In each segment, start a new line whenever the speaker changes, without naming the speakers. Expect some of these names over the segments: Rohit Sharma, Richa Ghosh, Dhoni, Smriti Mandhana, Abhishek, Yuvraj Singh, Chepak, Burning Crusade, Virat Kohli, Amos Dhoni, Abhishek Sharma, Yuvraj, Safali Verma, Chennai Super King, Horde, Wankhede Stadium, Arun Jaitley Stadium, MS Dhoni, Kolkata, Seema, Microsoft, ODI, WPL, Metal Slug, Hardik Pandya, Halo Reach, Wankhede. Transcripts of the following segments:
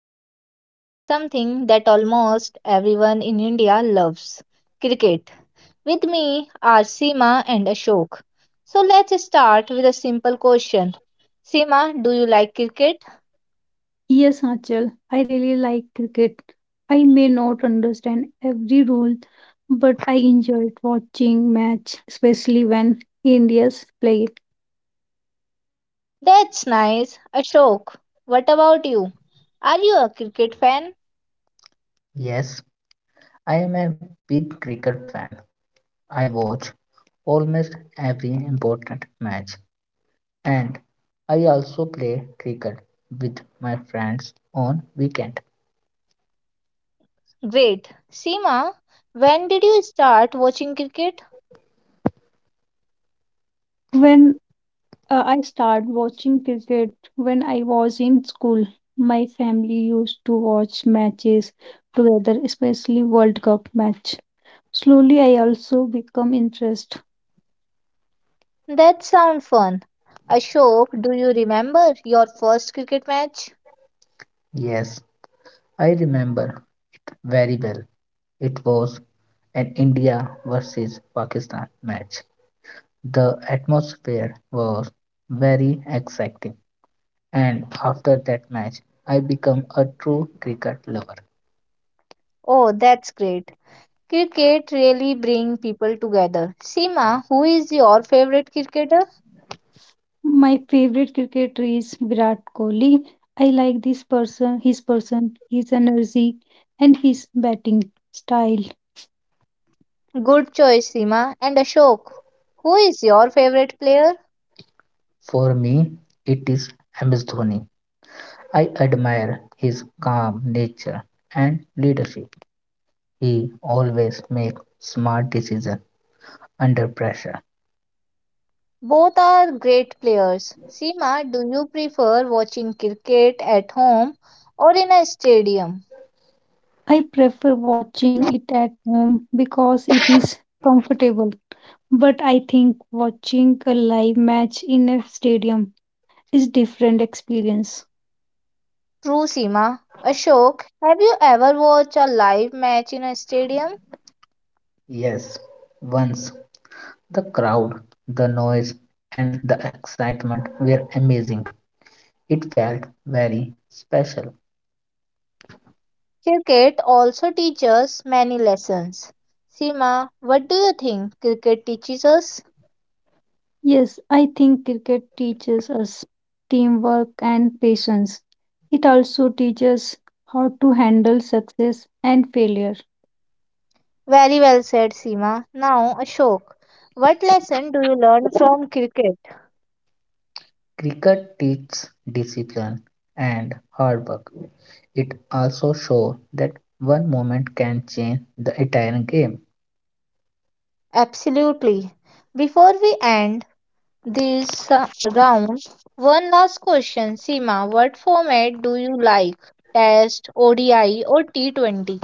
about something that almost everyone in India loves cricket. With me are Seema and Ashok. So let's start with a simple question. Seema, do you like cricket?
Yes, Achal, I really like cricket. I may not understand every rule, but I enjoyed watching match, especially when India's play.
That's nice. Ashok, what about you? Are you a cricket fan?
Yes, I am a big cricket fan. I watch almost every important match and I also play cricket with my friends on weekend.
Great. Seema, when did you start watching cricket?
When I started watching cricket when I was in school, my family used to watch matches together, especially World Cup match. Slowly, I also become interested.
That sounds fun. Ashok, do you remember your first cricket match?
Yes, I remember very well. It was an India versus Pakistan match. The atmosphere was very exciting and after that match I became a true cricket lover.
Oh, that's great. Cricket really brings people together. Seema, who is your favorite cricketer?
My favorite cricketer is Virat Kohli. I like this person, his energy, and his batting style.
Good choice, Seema. And Ashok, who is your favorite player?
For me, it is MS Dhoni. I admire his calm nature and leadership. He always makes smart decisions under pressure.
Both are great players. Seema, do you prefer watching cricket at home or in a stadium?
I prefer watching it at home because it is comfortable. But I think watching a live match in a stadium is different experience.
True, Seema. Ashok, have you ever watched a live match in a stadium?
Yes, once the crowd, the noise, and the excitement were amazing. It felt very special.
Cricket also teaches many lessons. Seema, what do you think cricket teaches us?
Yes, I think cricket teaches us teamwork and patience. It also teaches how to handle success and failure.
Very well said, Seema. Now, Ashok, what lesson do you learn from cricket?
Cricket teaches discipline and hard work. It also shows that one moment can change the entire game.
Absolutely. Before we end this round, one last question, Seema. What format do you like? Test, ODI, or T20?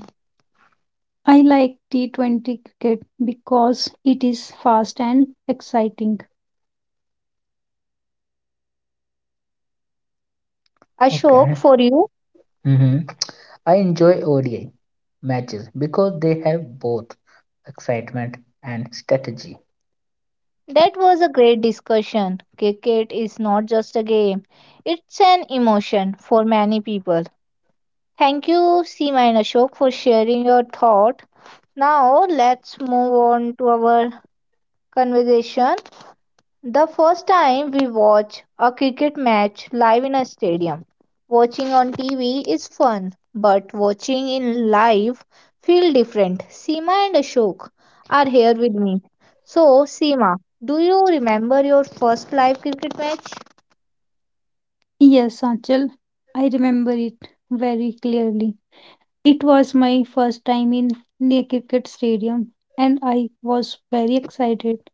I like T20 cricket because it is fast and exciting.
Ashok,
Okay.
for you.
hmm I enjoy ODI matches because they have both excitement and strategy.
That was a great discussion. Cricket is not just a game, it's an emotion for many people. Thank you, Seema and Ashok, for sharing your thought. Now, let's move on to our conversation, the first time we watch a cricket match live in a stadium. Watching on TV is fun, but watching in live feel different. Seema and Ashok are here with me. So, Seema, do you remember your first live cricket match?
Yes, Achal, I remember it very clearly. It was my first time in the cricket stadium and I was very excited.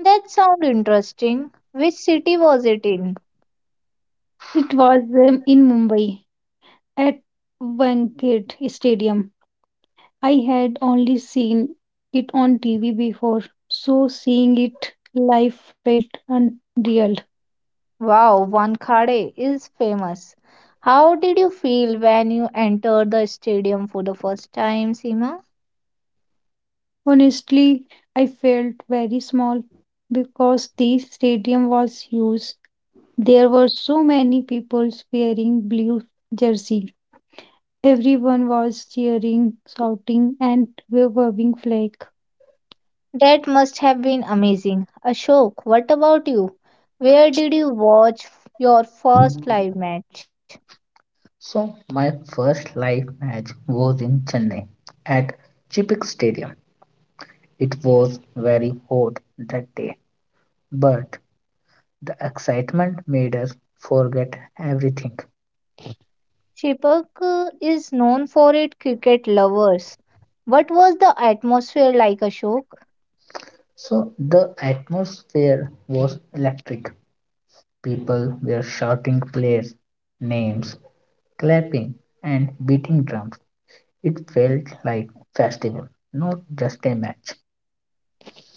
That sounds interesting. Which city was it in?
It was in Mumbai at Wankhede Stadium. I had only seen it on TV before, so seeing it live felt unreal.
Wow, Wankhede is famous. How did you feel when you entered the stadium for the first time, Seema?
Honestly, I felt very small because the stadium was huge. There were so many people wearing blue jersey. Everyone was cheering, shouting, and waving flag.
That must have been amazing. Ashok, what about you? Where did you watch your first live match?
So, my first live match was in Chennai at Chipik Stadium. It was very hot that day, but the excitement made us forget everything.
Chepak is known for its cricket lovers. What was the atmosphere like, Ashok?
So, the atmosphere was electric. People were shouting players' names, clapping, and beating drums. It felt like festival, not just a match.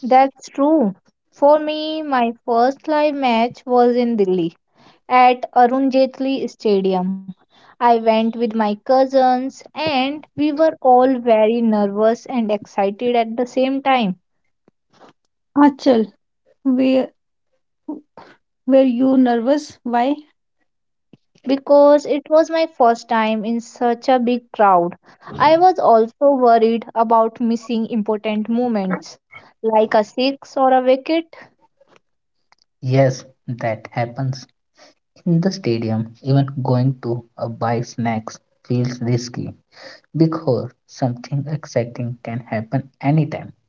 That's true. For me, my first live match was in Delhi at Arun Jaitley Stadium. I went with my cousins and we were all very nervous and excited at the same time.
Achal, were, were you nervous? Why?
Because it was my first time in such a big crowd. I was also worried about missing important moments like a six or a wicket.
Yes, that happens in the stadium. Even going to a buy snacks feels risky because something exciting can happen anytime.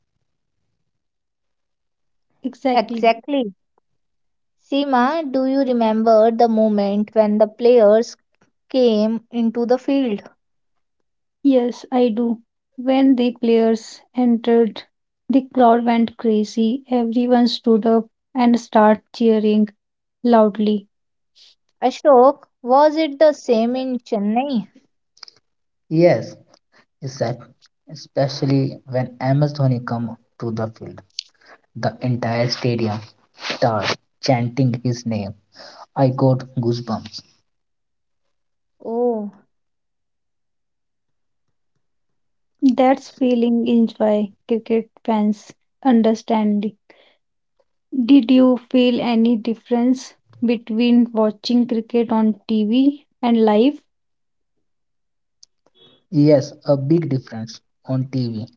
Exactly.
Exactly. Seema, do you remember the moment when the players came into the field?
Yes, I do. When the players entered, the crowd went crazy. Everyone stood up and started cheering loudly.
Ashok, was it the same in Chennai?
Yes, except especially when Amos Dhoni come to the field, the entire stadium starts chanting his name. I got goosebumps.
Oh,
That's feeling is why cricket fans understand. Did you feel any difference between watching cricket on TV and live?
Yes, a big difference. On TV,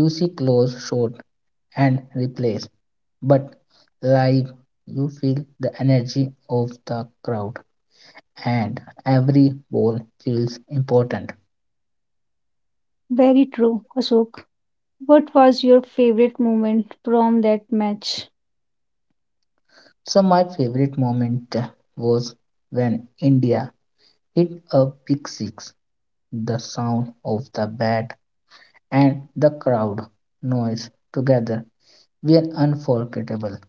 you see close shot and replays but live, you feel the energy of the crowd and every ball feels important.
Very true, Ashok. What was your favorite moment from that match?
So my favorite moment was when India hit a big six. The sound of the bat and the crowd noise together were unforgettable.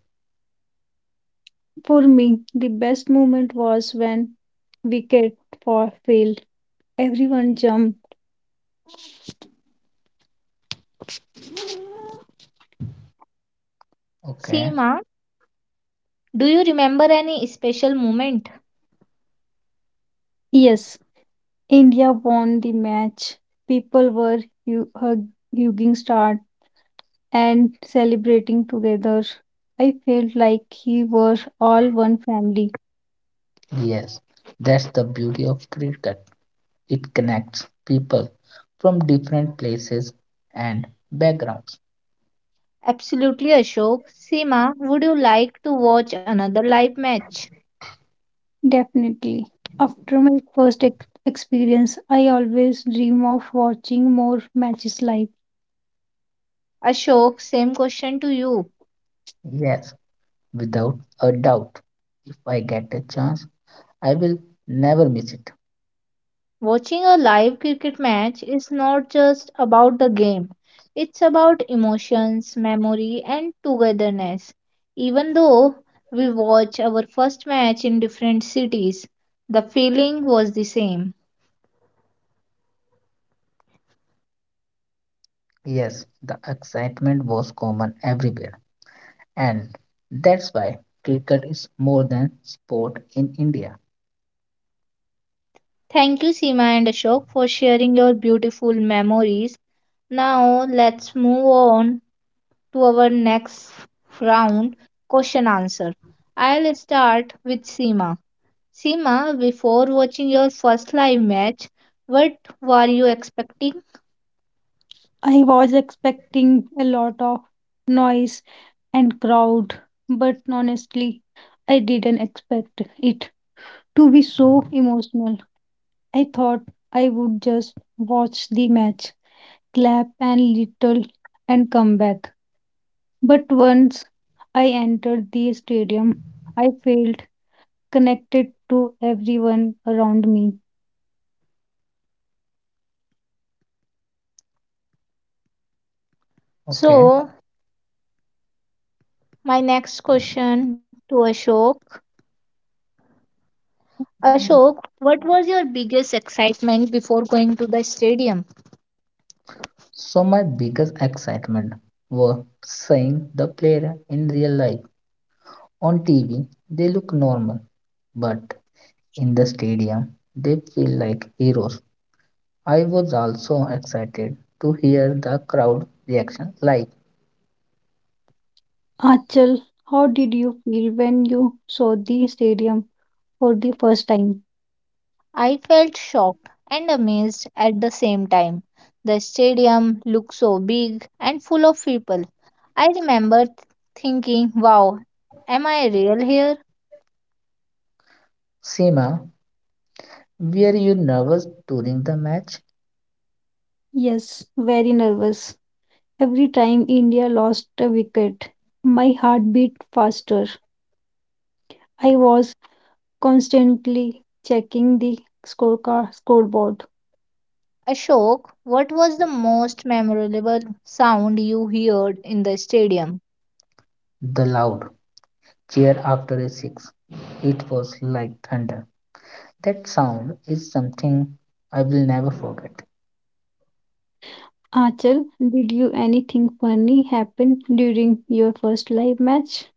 For me, the best moment was when wicket for failed. Everyone jumped.
Okay,
Seema, do you remember any special moment?
Yes, India won the match. People were hu- hug- hugging stars and celebrating together. I felt like he was all one family.
yes, that's the beauty of cricket. It connects people from different places and backgrounds.
Absolutely, Ashok. Seema, would you like to watch another live match?
Definitely. After my first experience, I always dream of watching more matches live.
Ashok, same question to you.
Yes, without a doubt. If I get a chance, I will never miss it.
Watching a live cricket match is not just about the game, it's about emotions, memory, and togetherness. Even though we watch our first match in different cities, the feeling was the same.
Yes, the excitement was common everywhere, and that's why cricket is more than sport in India.
Thank you, Seema and Ashok, for sharing your beautiful memories. Now let's move on to our next round, question answer. I'll start with Seema. Sima, before watching your first live match, what were you expecting?
I was expecting a lot of noise and crowd, but honestly, I didn't expect it to be so emotional. I thought I would just watch the match, clap and little, and come back. But once I entered the stadium, I felt connected to everyone around me.
Okay,
So, my next question to Ashok. Ashok, what was your biggest excitement before going to the stadium?
so my biggest excitement was seeing the player in real life. On TV, they look normal, but in the stadium, they feel like heroes. I was also excited to hear the crowd reaction live.
Achal, how did you feel when you saw the stadium for the first time?
I felt shocked and amazed at the same time. The stadium looked so big and full of people. I remember thinking, wow, am I real here?
Seema, were you nervous during the match?
Yes, very nervous. Every time India lost a wicket, my heart beat faster. I was constantly checking the scorecard scoreboard.
Ashok, what was the most memorable sound you heard in the stadium?
The loud cheer after a six. It was like thunder. That sound is something I will never forget.
Achal, did you anything funny happen during your first live match?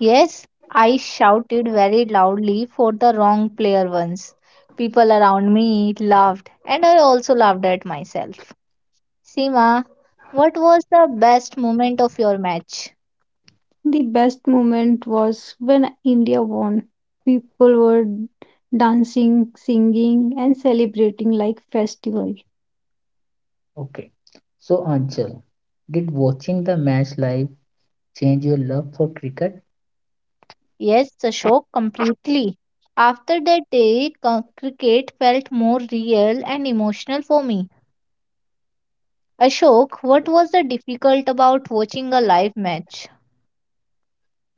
Yes, I shouted very loudly for the wrong player once. People around me laughed, and I also laughed at myself. Seema, what was the best moment of your match?
The best moment was when India won. People were dancing, singing, and celebrating like festival.
Okay. So, Anchal, did watching the match live change your love for cricket?
Yes, Ashok, completely. After that day, cricket felt more real and emotional for me. Ashok, what was the difficult about watching a live match?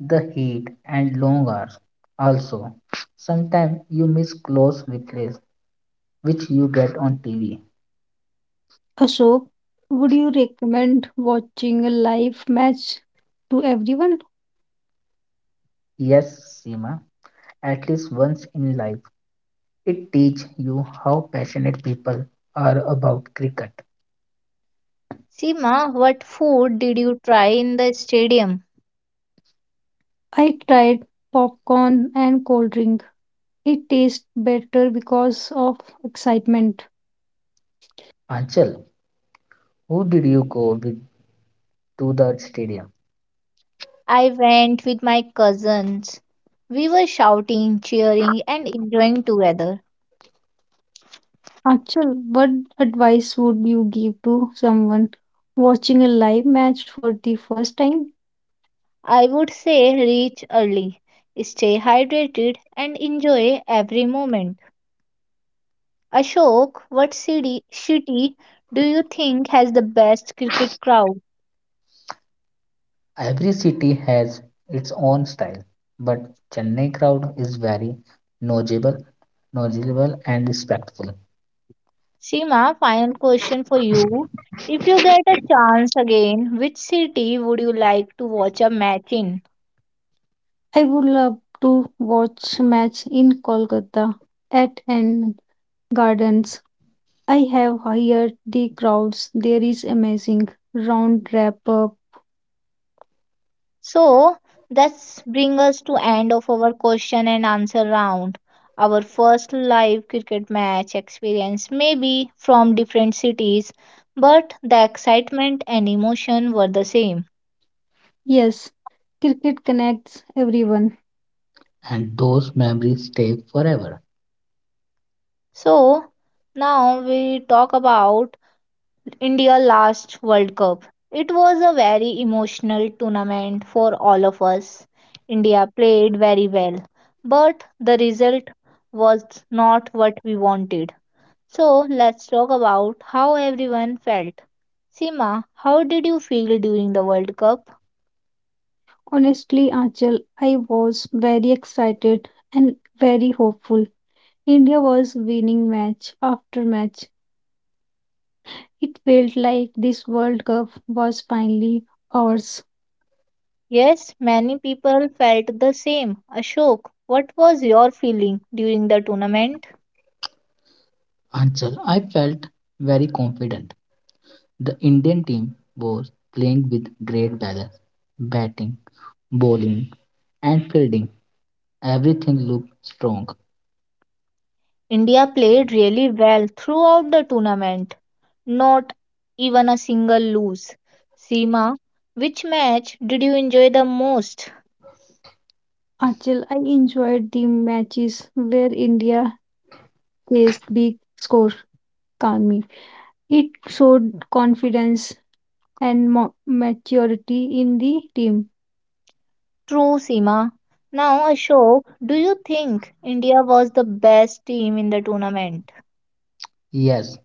The heat and long hours. Also, sometimes you miss close replays which you get on TV.
Ashok, would you recommend watching a live match to everyone?
Yes, Seema, at least once in life. It teaches you how passionate people are about cricket.
Sima, what food did you try in the stadium?
I tried popcorn and cold drink. It tastes better because of excitement.
Anchal, who did you go with to the stadium?
I went with my cousins. We were shouting, cheering, and enjoying together.
Achal, what advice would you give to someone watching a live match for the first time?
I would say reach early, stay hydrated, and enjoy every moment. Ashok, what city do you think has the best cricket crowd?
Every city has its own style, but Chennai crowd is very knowledgeable, knowledgeable and respectful,
Sima, final question for you. If you get a chance again, which city would you like to watch a match in?
I would love to watch match in Kolkata at N Gardens. I have heard the crowds there is amazing. Round wrap up.
So that's bring us to end of our question and answer round. Our first live cricket match experience may be from different cities, but the excitement and emotion were the same.
Yes, cricket connects everyone.
and those memories stay forever.
So now we talk about India last World Cup. It was a very emotional tournament for all of us. India played very well, but the result was not what we wanted. So let's talk about how everyone felt. Sima, how did you feel during the World Cup?
Honestly, Achal, I was very excited and very hopeful. India was winning match after match. It felt like this World Cup was finally ours.
Yes, many people felt the same. Ashok, what was your feeling during the tournament?
Anchal, I felt very confident. The Indian team was playing with great balance, batting, bowling, and fielding. Everything looked strong.
India played really well throughout the tournament, not even a single lose. Seema, which match did you enjoy the most?
Achal, I enjoyed the matches where India placed big scores calmly. It showed confidence and maturity in the team.
True, Seema. Now, Ashok, do you think India was the best team in the tournament?
Yes,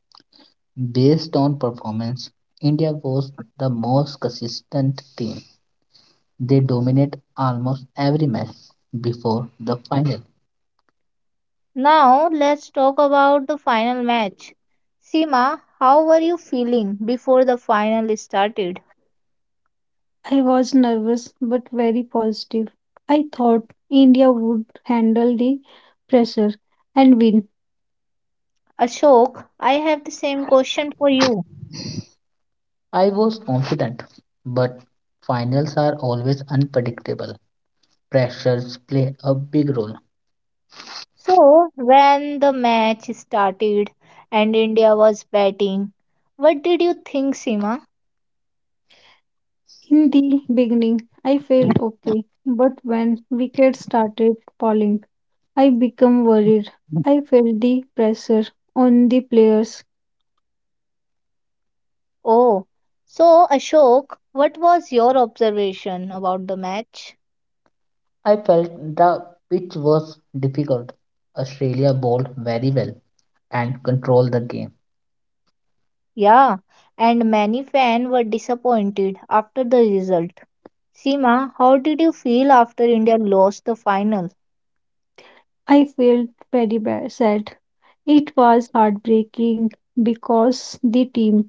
based on performance, India was the most consistent team. They dominated almost every match before the final.
Now let's talk about the final match. Seema, how were you feeling before the final started?
I was nervous but very positive. I thought India would handle the pressure and win.
Ashok, I have the same question for you.
I was confident, but finals are always unpredictable. Pressures play a big role.
So, when the match started and India was batting, what did you think, Seema?
In the beginning, I felt okay, but when wickets started falling, I became worried. I felt the pressure on the players.
Oh, so Ashok, what was your observation about the match?
I felt the pitch was difficult. Australia bowled very well and controlled the game.
Yeah, and many fans were disappointed after the result. Seema, how did you feel after India lost the final?
I felt very sad. It was heartbreaking because the team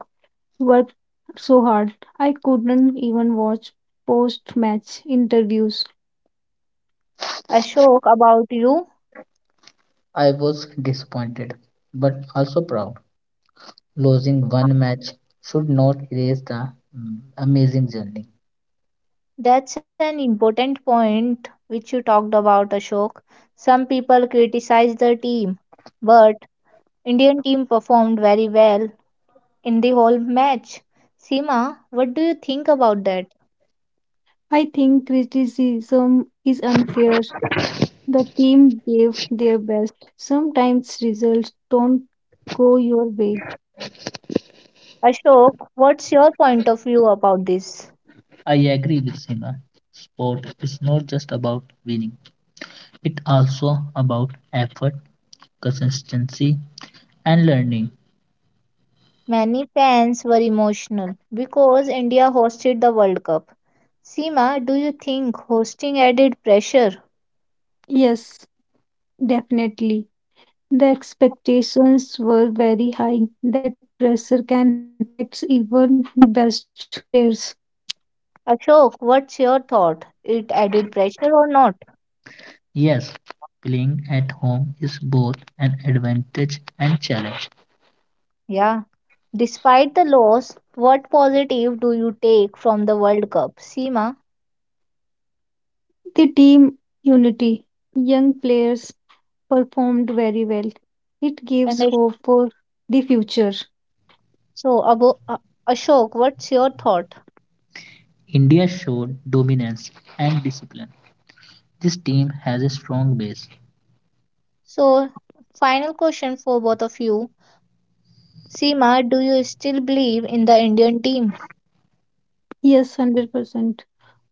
worked so hard. I couldn't even watch post match interviews.
Ashok, about you,
I was disappointed but also proud. Losing one match should not erase the amazing journey.
that's an important point which you talked about, Ashok. Some people criticized the team, but Indian team performed very well in the whole match. Seema, what do you think about that?
I think criticism is unfair. The team gave their best. Sometimes results don't go your way.
Ashok, what's your point of view about this?
I agree with Sima. Sport is not just about winning, it's also about effort, consistency, and learning.
Many fans were emotional because India hosted the World Cup. Seema, do you think hosting added pressure?
Yes, definitely. The expectations were very high. That pressure can affect even the best players.
Ashok, what's your thought? It added pressure or not?
Yes, playing at home is both an advantage and challenge.
Yeah. Despite the loss, what positive do you take from the World Cup? Seema
The team unity. Young players performed very well. It
and
gives hope for the future.
So Abo, uh, Ashok, what's your thought?
India showed dominance and discipline. This team has a strong base.
So, final question for both of you. Seema, do you still believe in the Indian team?
Yes, 100%.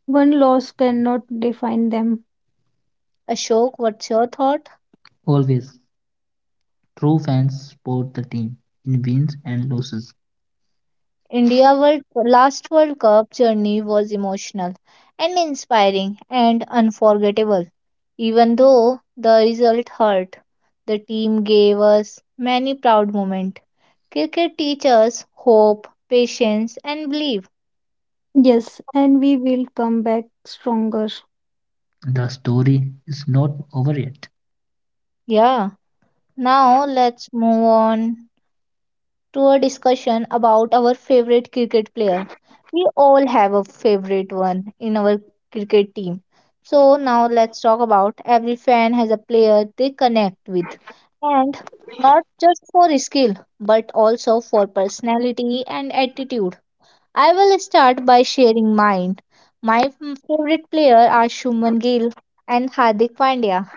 One loss cannot define them.
Ashok, what's your thought?
Always, true fans support the team in wins and losses.
India World last World Cup journey was emotional and inspiring and unforgettable. Even though the result hurt, the team gave us many proud moments. Cricket teaches hope, patience and belief.
Yes, and we will come back stronger.
The story is not over yet.
Yeah. Now let's move on to a discussion about our favorite cricket player. We all have a favorite one in our cricket team. So now let's talk about every fan has a player they connect with, and not just for skill but also for personality and attitude. I will start by sharing mine. My favorite player are Shubman Gill and Hardik Pandya.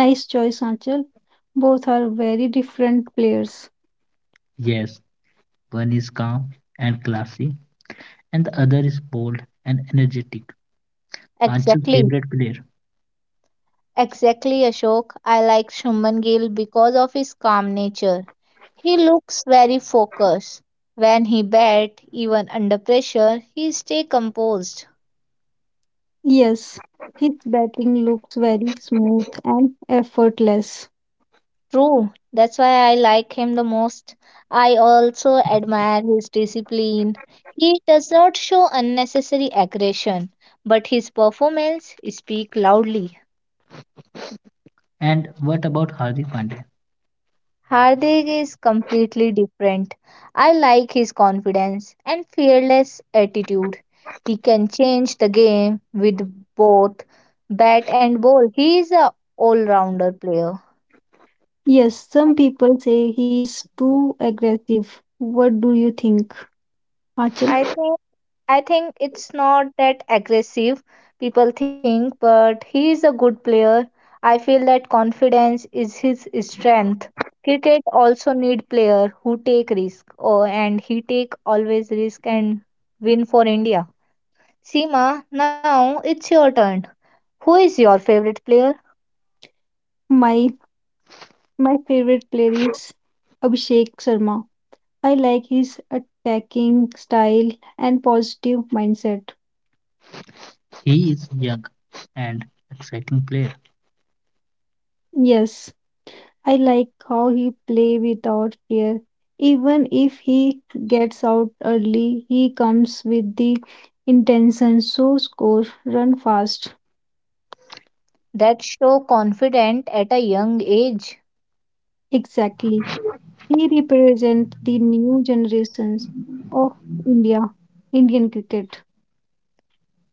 Nice choice, Anchal. Both are very different players.
Yes, one is calm and classy, and the other is bold and energetic. Anshul's
Exactly
favorite player.
Exactly, Ashok. I like Shuman Gill because of his calm nature. He looks very focused. When he bat, even under pressure, he stay composed.
Yes, his batting looks very smooth and effortless.
True, that's why I like him the most. I also admire his discipline. He does not show unnecessary aggression, but his performance speak loudly.
And what about Hardik Pandya?
Hardik is completely different. I like his confidence and fearless attitude. He can change the game with both bat and ball. He is a all-rounder player.
Yes, some people say he is too aggressive. What do you think, Achal?
I think I think it's not that aggressive people think, but he is a good player. I feel that confidence is his strength. Cricket also need player who take risk. Oh, and he take always risk and win for India. Seema, now it's your turn. Who is your favorite player
My my favorite player is Abhishek Sharma. I like his attacking style and positive mindset.
He is young and exciting player.
Yes, I like how he play without fear. Even if he gets out early, he comes with the intention so score, run fast.
that show confident at a young age?
Exactly. He represents the new generations of India, Indian cricket.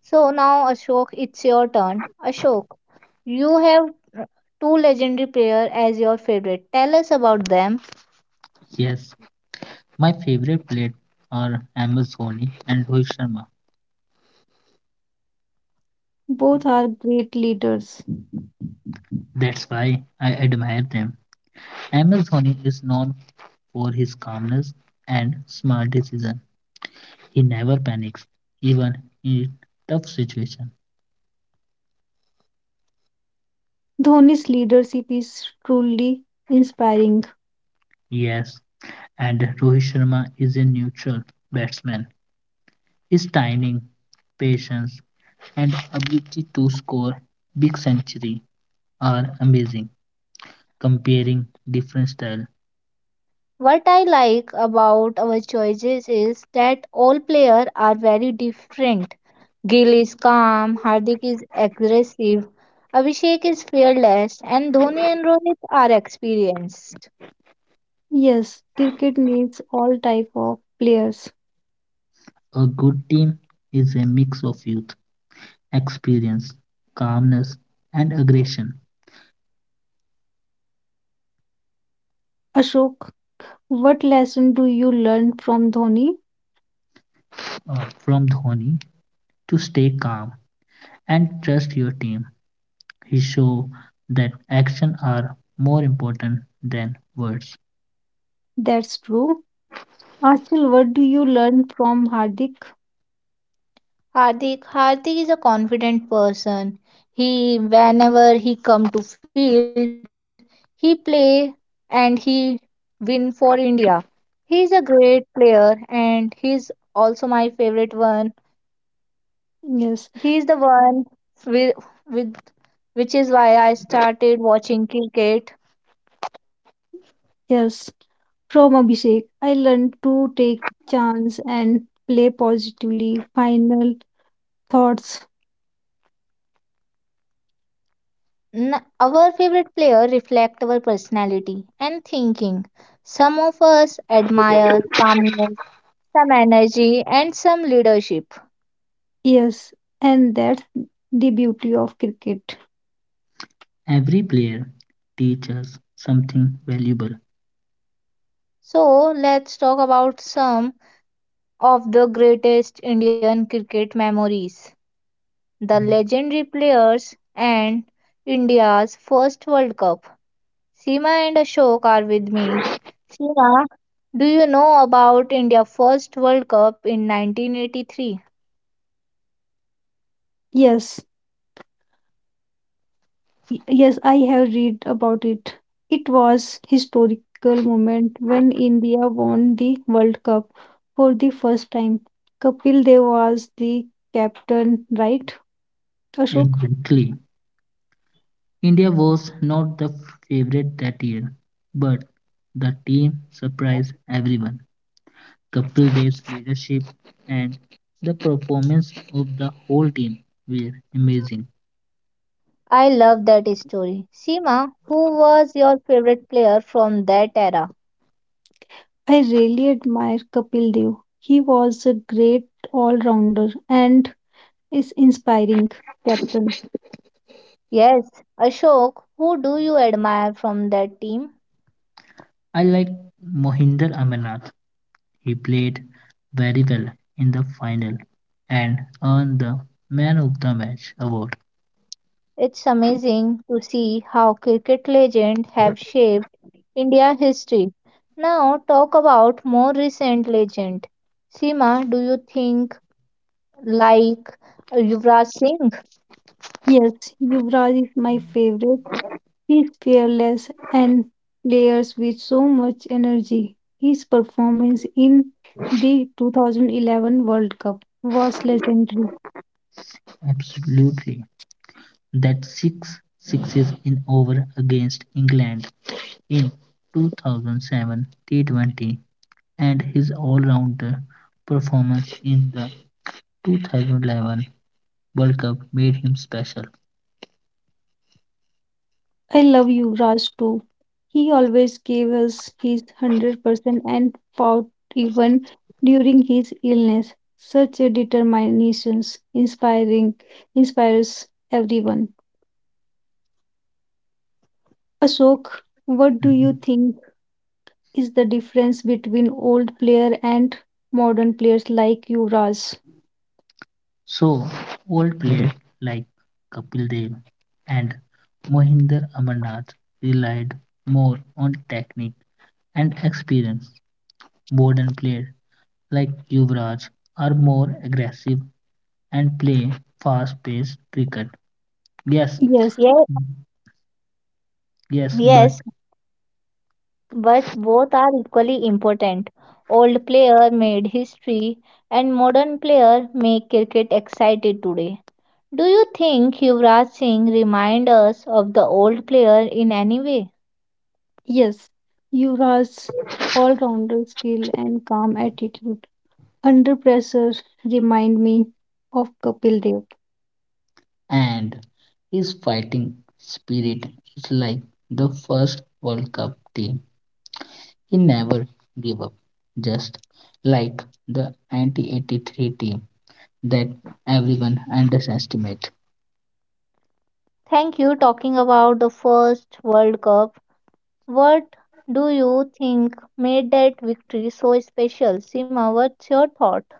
So now Ashok, it's your turn. Ashok, you have uh, two legendary players as your favorite. Tell us about them.
Yes, my favorite player are MS Dhoni and Rohit Sharma.
Both are great leaders.
That's why I admire them. MS Dhoni is known for his calmness and smart decision. He never panics, even in tough situation.
Dhoni's leadership is truly inspiring.
Yes, and Rohit Sharma is a neutral batsman. His timing, patience, and ability to score big century are amazing. Comparing different style,
What I like about our choices is that all players are very different. Gill is calm, Hardik is aggressive, Abhishek is fearless, and Dhoni and Rohit are experienced.
Yes, cricket needs all type of players.
a good team is a mix of youth, experience, calmness, and aggression.
Ashok, what lesson do you learn from Dhoni?
From Dhoni to stay calm and trust your team, he show that action are more important than words.
That's true. Achal, what do you learn from Hardik?
Hardik is a confident person. He whenever he come to field, he play and he win for India. He is a great player and he is also my favorite one.
Yes,
He is the one with, with which is why I started watching cricket.
yes. From Abhishek, I learned to take chance and play positively. Final thoughts.
Our favorite player reflect our personality and thinking. Some of us admire calmness, some energy and some leadership.
Yes, and that's the beauty of cricket.
Every player teaches something valuable.
So, let's talk about some of the greatest Indian cricket memories, the legendary players, and India's first World Cup. Seema and Ashok are with me. Seema, do you know about India's first World Cup in 1983?
Yes. Yes, I have read about it. It was historical moment when India won the World Cup for the first time. Kapil Dev was the captain, right? Ashok,
Exactly. India was not the favorite that year, but the team surprised everyone. Kapil Dev's leadership and the performance of the whole team were amazing.
I love that story. Seema, who was your favorite player from that era?
I really admire Kapil Dev. He was a great all-rounder and is inspiring captain.
Yes, Ashok, who do you admire from that team?
I like Mohinder Amarnath. He played very well in the final and earned the Man of the Match award.
It's amazing to see how cricket legends have shaped India history. Now talk about more recent legend. Seema, do you think like Yuvraj Singh?
Yes, Yuvraj is my favorite. He's fearless and players with so much energy. His performance in the 2011 World Cup was legendary.
Absolutely. That six sixes in over against England in 2007 T20 and his all-rounder performance in the 2011 World Cup made him special.
I love you, Raj, too. He always gave us his 100% and fought even during his illness. Such a determination inspiring inspires everyone. Ashok, what do you think is the difference between old player and modern players like Yuvraj.
So, old players like Kapil Dev and Mohinder Amarnath relied more on technique and experience. Modern players like Yuvraj are more aggressive and play fast-paced cricket. Yes,
Yes,
Yes,
yes, but
yes, but both are equally important. Old player made history and modern player make cricket excited today. Do you think Yuvraj Singh remind us of the old player in any way?
yes. Yuvraj's all-rounder skill and calm attitude under pressure remind me of Kapil Dev.
and his fighting spirit is like the first World Cup team. He never gave up, just like the 1983 team that everyone underestimates.
Thank you. Talking about the first World Cup, what do you think made that victory so special? Sima, what's your thought?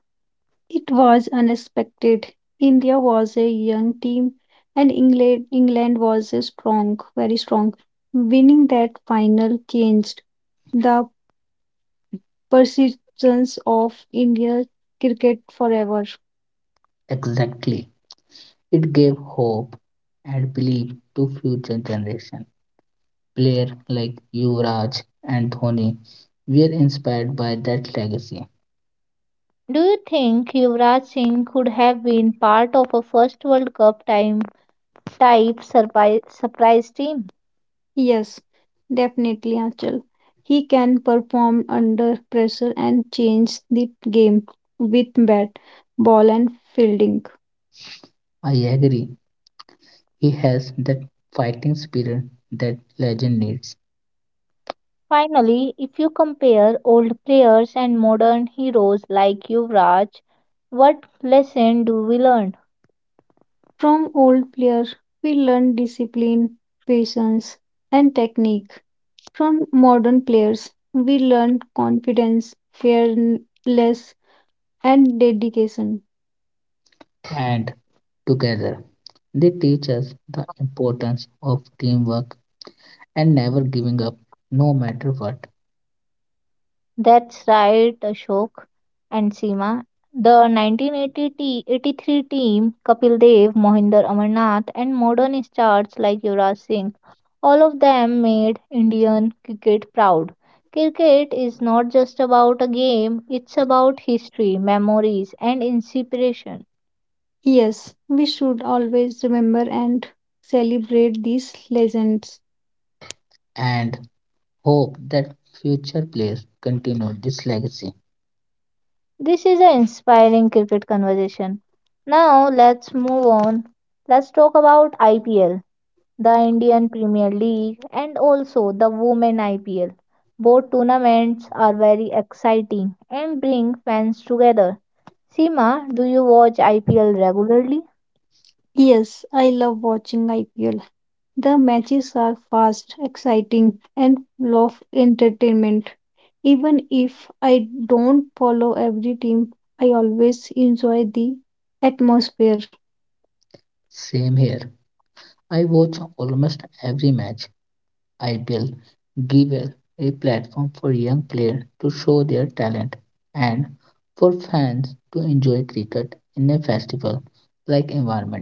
It was unexpected. India was a young team and England was a strong, very strong. Winning that final changed the persistence of India's cricket forever.
Exactly. It gave hope and belief to future generation. Players like Yuvraj and Dhoni were inspired by that legacy.
Do you think Yuvraj Singh could have been part of a first World Cup time type surprise team?
Yes, definitely, Achal. He can perform under pressure and change the game with bat, ball, and fielding.
I agree. He has that fighting spirit that legend needs.
Finally, if you compare old players and modern heroes like Yuvraj, what lesson do we learn?
From old players, we learn discipline, patience, and technique. From modern players, we learn confidence, fearless, and dedication.
And together, they teach us the importance of teamwork and never giving up, no matter what,
That's right, Ashok and Seema. The 1980-83 team, Kapil Dev, Mohinder Amarnath, and modern stars like Yuvraj Singh, all of them made Indian cricket proud. Cricket is not just about a game, it's about history, memories, and inspiration.
Yes, we should always remember and celebrate these legends.
and hope that future players continue this legacy.
This is an inspiring cricket conversation. Now, let's move on. Let's talk about IPL, the Indian Premier League, and also the Women IPL. Both tournaments are very exciting and bring fans together. Seema, do you watch IPL regularly?
Yes, I love watching IPL. The matches are fast, exciting, and full of entertainment. Even if I don't follow every team, I always enjoy the atmosphere.
Same here. I watch almost every match. IPL give a platform for young players to show their talent and for fans to enjoy cricket in a festival like environment.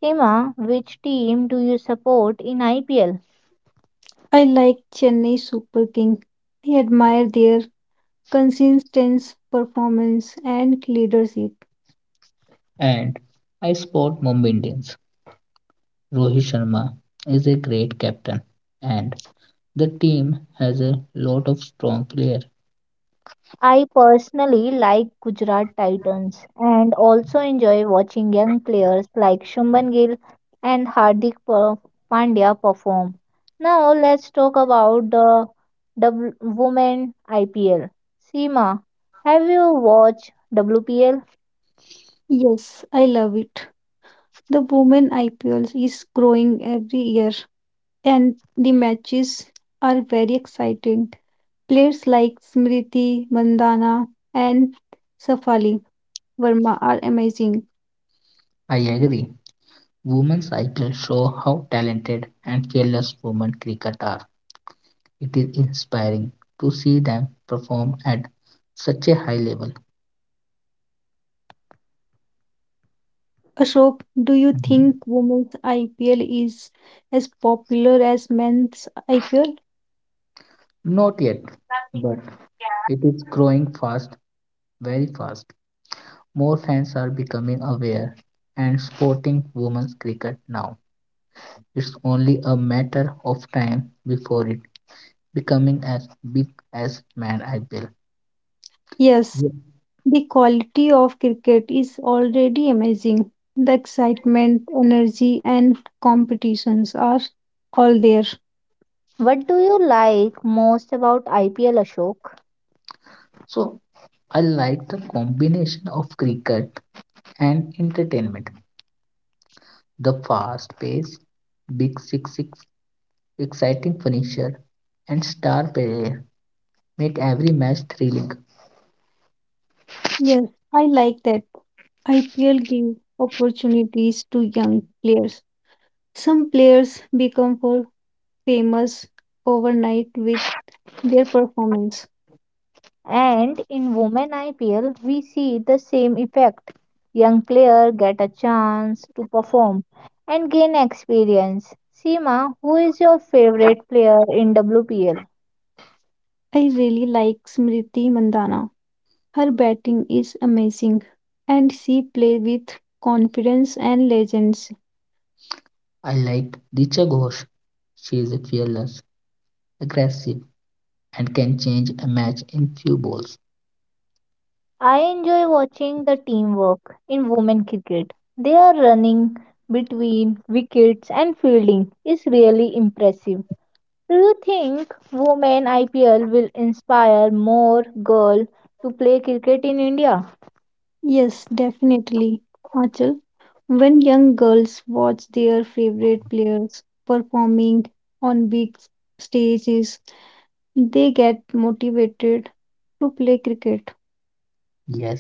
Seema, which team do you support in IPL?
I like Chennai Super King. I admire their consistent performance and leadership.
And I support Mumbai Indians. Rohit Sharma is a great captain and the team has a lot of strong players.
I personally like Gujarat Titans and also enjoy watching young players like Shubman Gill and Pandya perform. Now let's talk about the women IPL. Seema, have you watched WPL?
Yes, I love it. The women IPL is growing every year, and the matches are very exciting. Players like Smriti Mandhana and Safali Verma are amazing.
I agree. Women's cycle show how talented and fearless women cricket are. It is inspiring to see them perform at such a high level.
Ashok, do you
Mhm.
think women's IPL is as popular as men's IPL?
Not yet, but it is growing fast, very fast. More fans are becoming aware and supporting women's cricket now. It's only a matter of time before it becoming as big as Man IPL. Yeah.
Yes, the quality of cricket is already amazing. The excitement, energy, and competitions are all there.
What do you like most about IPL, Ashok?
So I like the combination of cricket and entertainment, the fast pace, big six, exciting finisher, and star player make every match thrilling.
Yes, I like that. IPL gives opportunities to young players. Some players become for famous overnight with their performance.
And in Women IPL, we see the same effect. Young players get a chance to perform and gain experience. Seema, who is your favorite player in WPL?
I really like Smriti Mandhana. Her batting is amazing and she plays with confidence and legends.
I liked Richa Ghosh. She is fearless, aggressive, and can change a match in few balls.
I enjoy watching the teamwork in women cricket. Their running between wickets and fielding is really impressive. Do you think Women IPL will inspire more girls to play cricket in India?
Yes, definitely. Achal, when young girls watch their favorite players performing on big stages, they get motivated to play cricket.
Yes,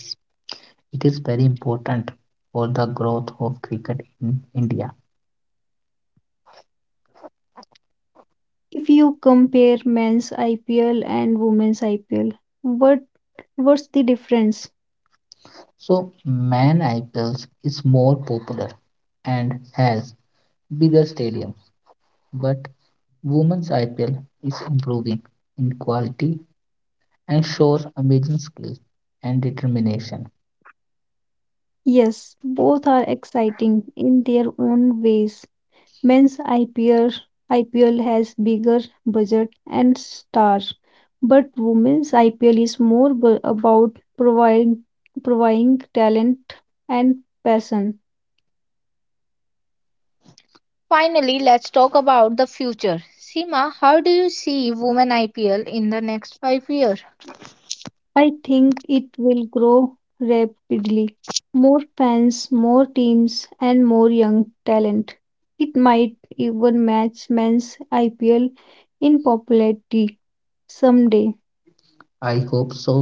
it is very important for the growth of cricket in India.
If you compare men's IPL and women's IPL, what what's the difference?
So Man Iples is more popular and has bigger stadiums, but Women's IPL is improving in quality and shows amazing skill and determination.
Yes, both are exciting in their own ways. Men's IPL, has bigger budget and stars, but women's IPL is more about providing talent and passion.
Finally, let's talk about the future. Seema, how do you see women IPL in the next 5 years?
I think it will grow rapidly. More fans, more teams, and more young talent. It might even match men's IPL in popularity someday.
I hope so.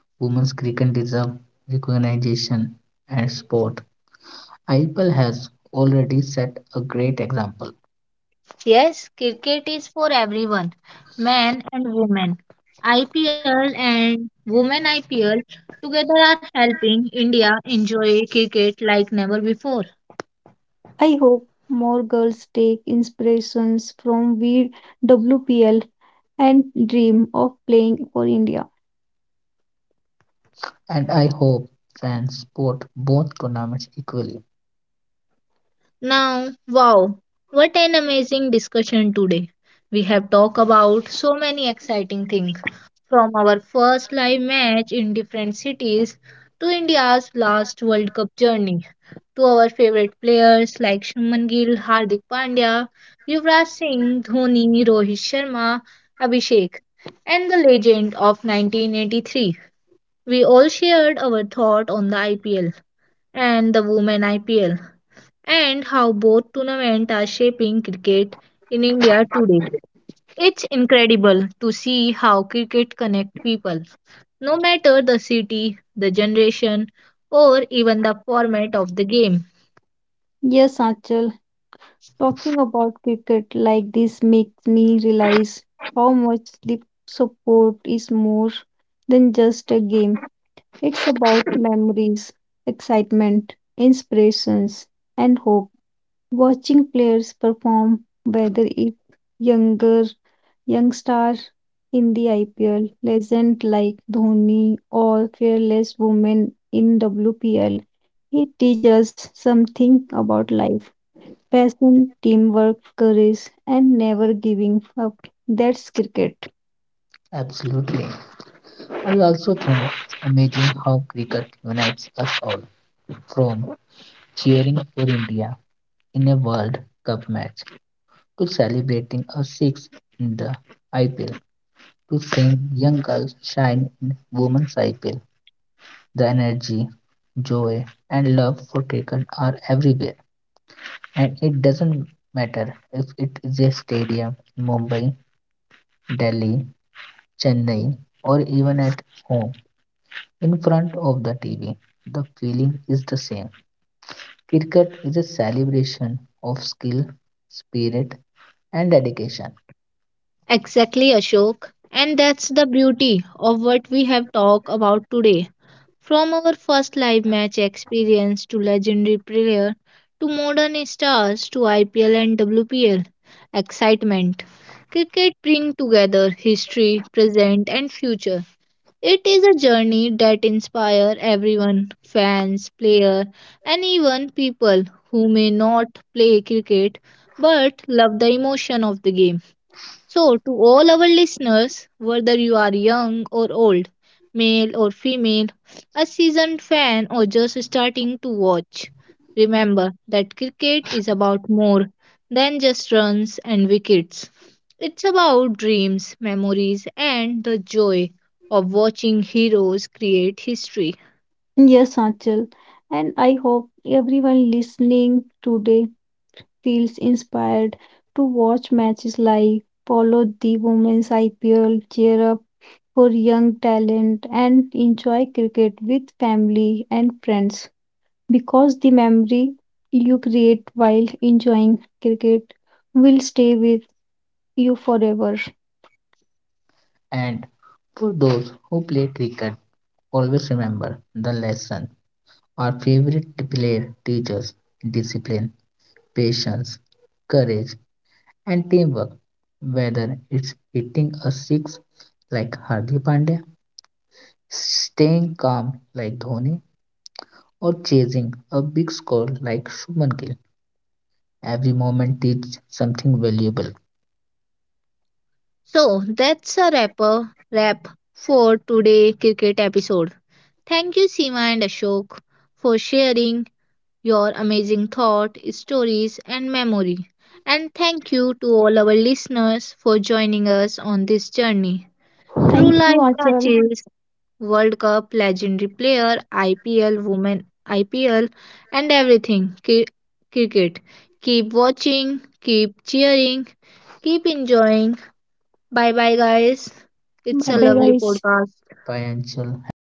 Women's cricket deserve recognition and support. IPL has already set a great example,
Yes, cricket is for everyone, men and women. IPL and women IPL together are helping India enjoy cricket like never before.
I hope more girls take inspirations from VWPL and dream of playing for India.
and I hope fans support both tournaments equally.
Now, wow, what an amazing discussion today. We have talked about so many exciting things, from our first live match in different cities to India's last World Cup journey to our favorite players like Shubman Gill, Hardik Pandya, Yuvraj Singh, Dhoni, Rohit Sharma, Abhishek, and the legend of 1983. We all shared our thought on the IPL and the women IPL and how both tournaments are shaping cricket in India today. It's incredible to see how cricket connects people, no matter the city, the generation, or even the format of the game.
Yes, Achal, talking about cricket like this makes me realize how much sleep support is more than just a game. It's about memories, excitement, inspirations, and hope. Watching players perform, whether it's younger young star in the IPL, legend like Dhoni or fearless women in WPL, it teaches something about life. Passion, teamwork, courage, and never giving up. That's cricket.
Absolutely. I also think it's amazing how cricket unites us all, from cheering for India in a World Cup match to celebrating a six in the IPL to seeing young girls shine in women's IPL. The energy, joy, and love for cricket are everywhere, and it doesn't matter if it is a stadium in Mumbai, Delhi, Chennai, or even at home in front of the TV. The feeling is the same. Cricket is a celebration of skill, spirit, and dedication.
Exactly, Ashok. And that's the beauty of what we have talked about today. From our first live match experience to legendary player to modern stars to IPL and WPL excitement. Cricket brings together history, present and future. It is a journey that inspires everyone, fans, players and even people who may not play cricket but love the emotion of the game. So, to all our listeners, whether you are young or old, male or female, a seasoned fan or just starting to watch, remember that cricket is about more than just runs and wickets. It's about dreams, memories, and the joy of watching heroes create history.
Yes, Anchal. And I hope everyone listening today feels inspired to watch matches live, follow the women's IPL, cheer up for young talent, and enjoy cricket with family and friends. Because the memory you create while enjoying cricket will stay with you forever.
And for those who play cricket, always remember the lesson our favorite player teaches discipline, patience, courage, and teamwork. Whether it's hitting a six like Hardik Pandya, staying calm like Dhoni, or chasing a big score like Shubman Gill, every moment teaches something valuable.
So, that's a wrap for today cricket episode. Thank you, Seema and Ashok, for sharing your amazing thought, stories, and memory. And thank you to all our listeners for joining us on this journey through
Thank you,
live
Achal.
matches, World Cup, legendary player, IPL, women IPL, and everything cricket. Keep watching, keep cheering, keep enjoying. Bye bye, guys.
But
It's
Bye
a
bye,
lovely
guys.
podcast.
financial, have a nice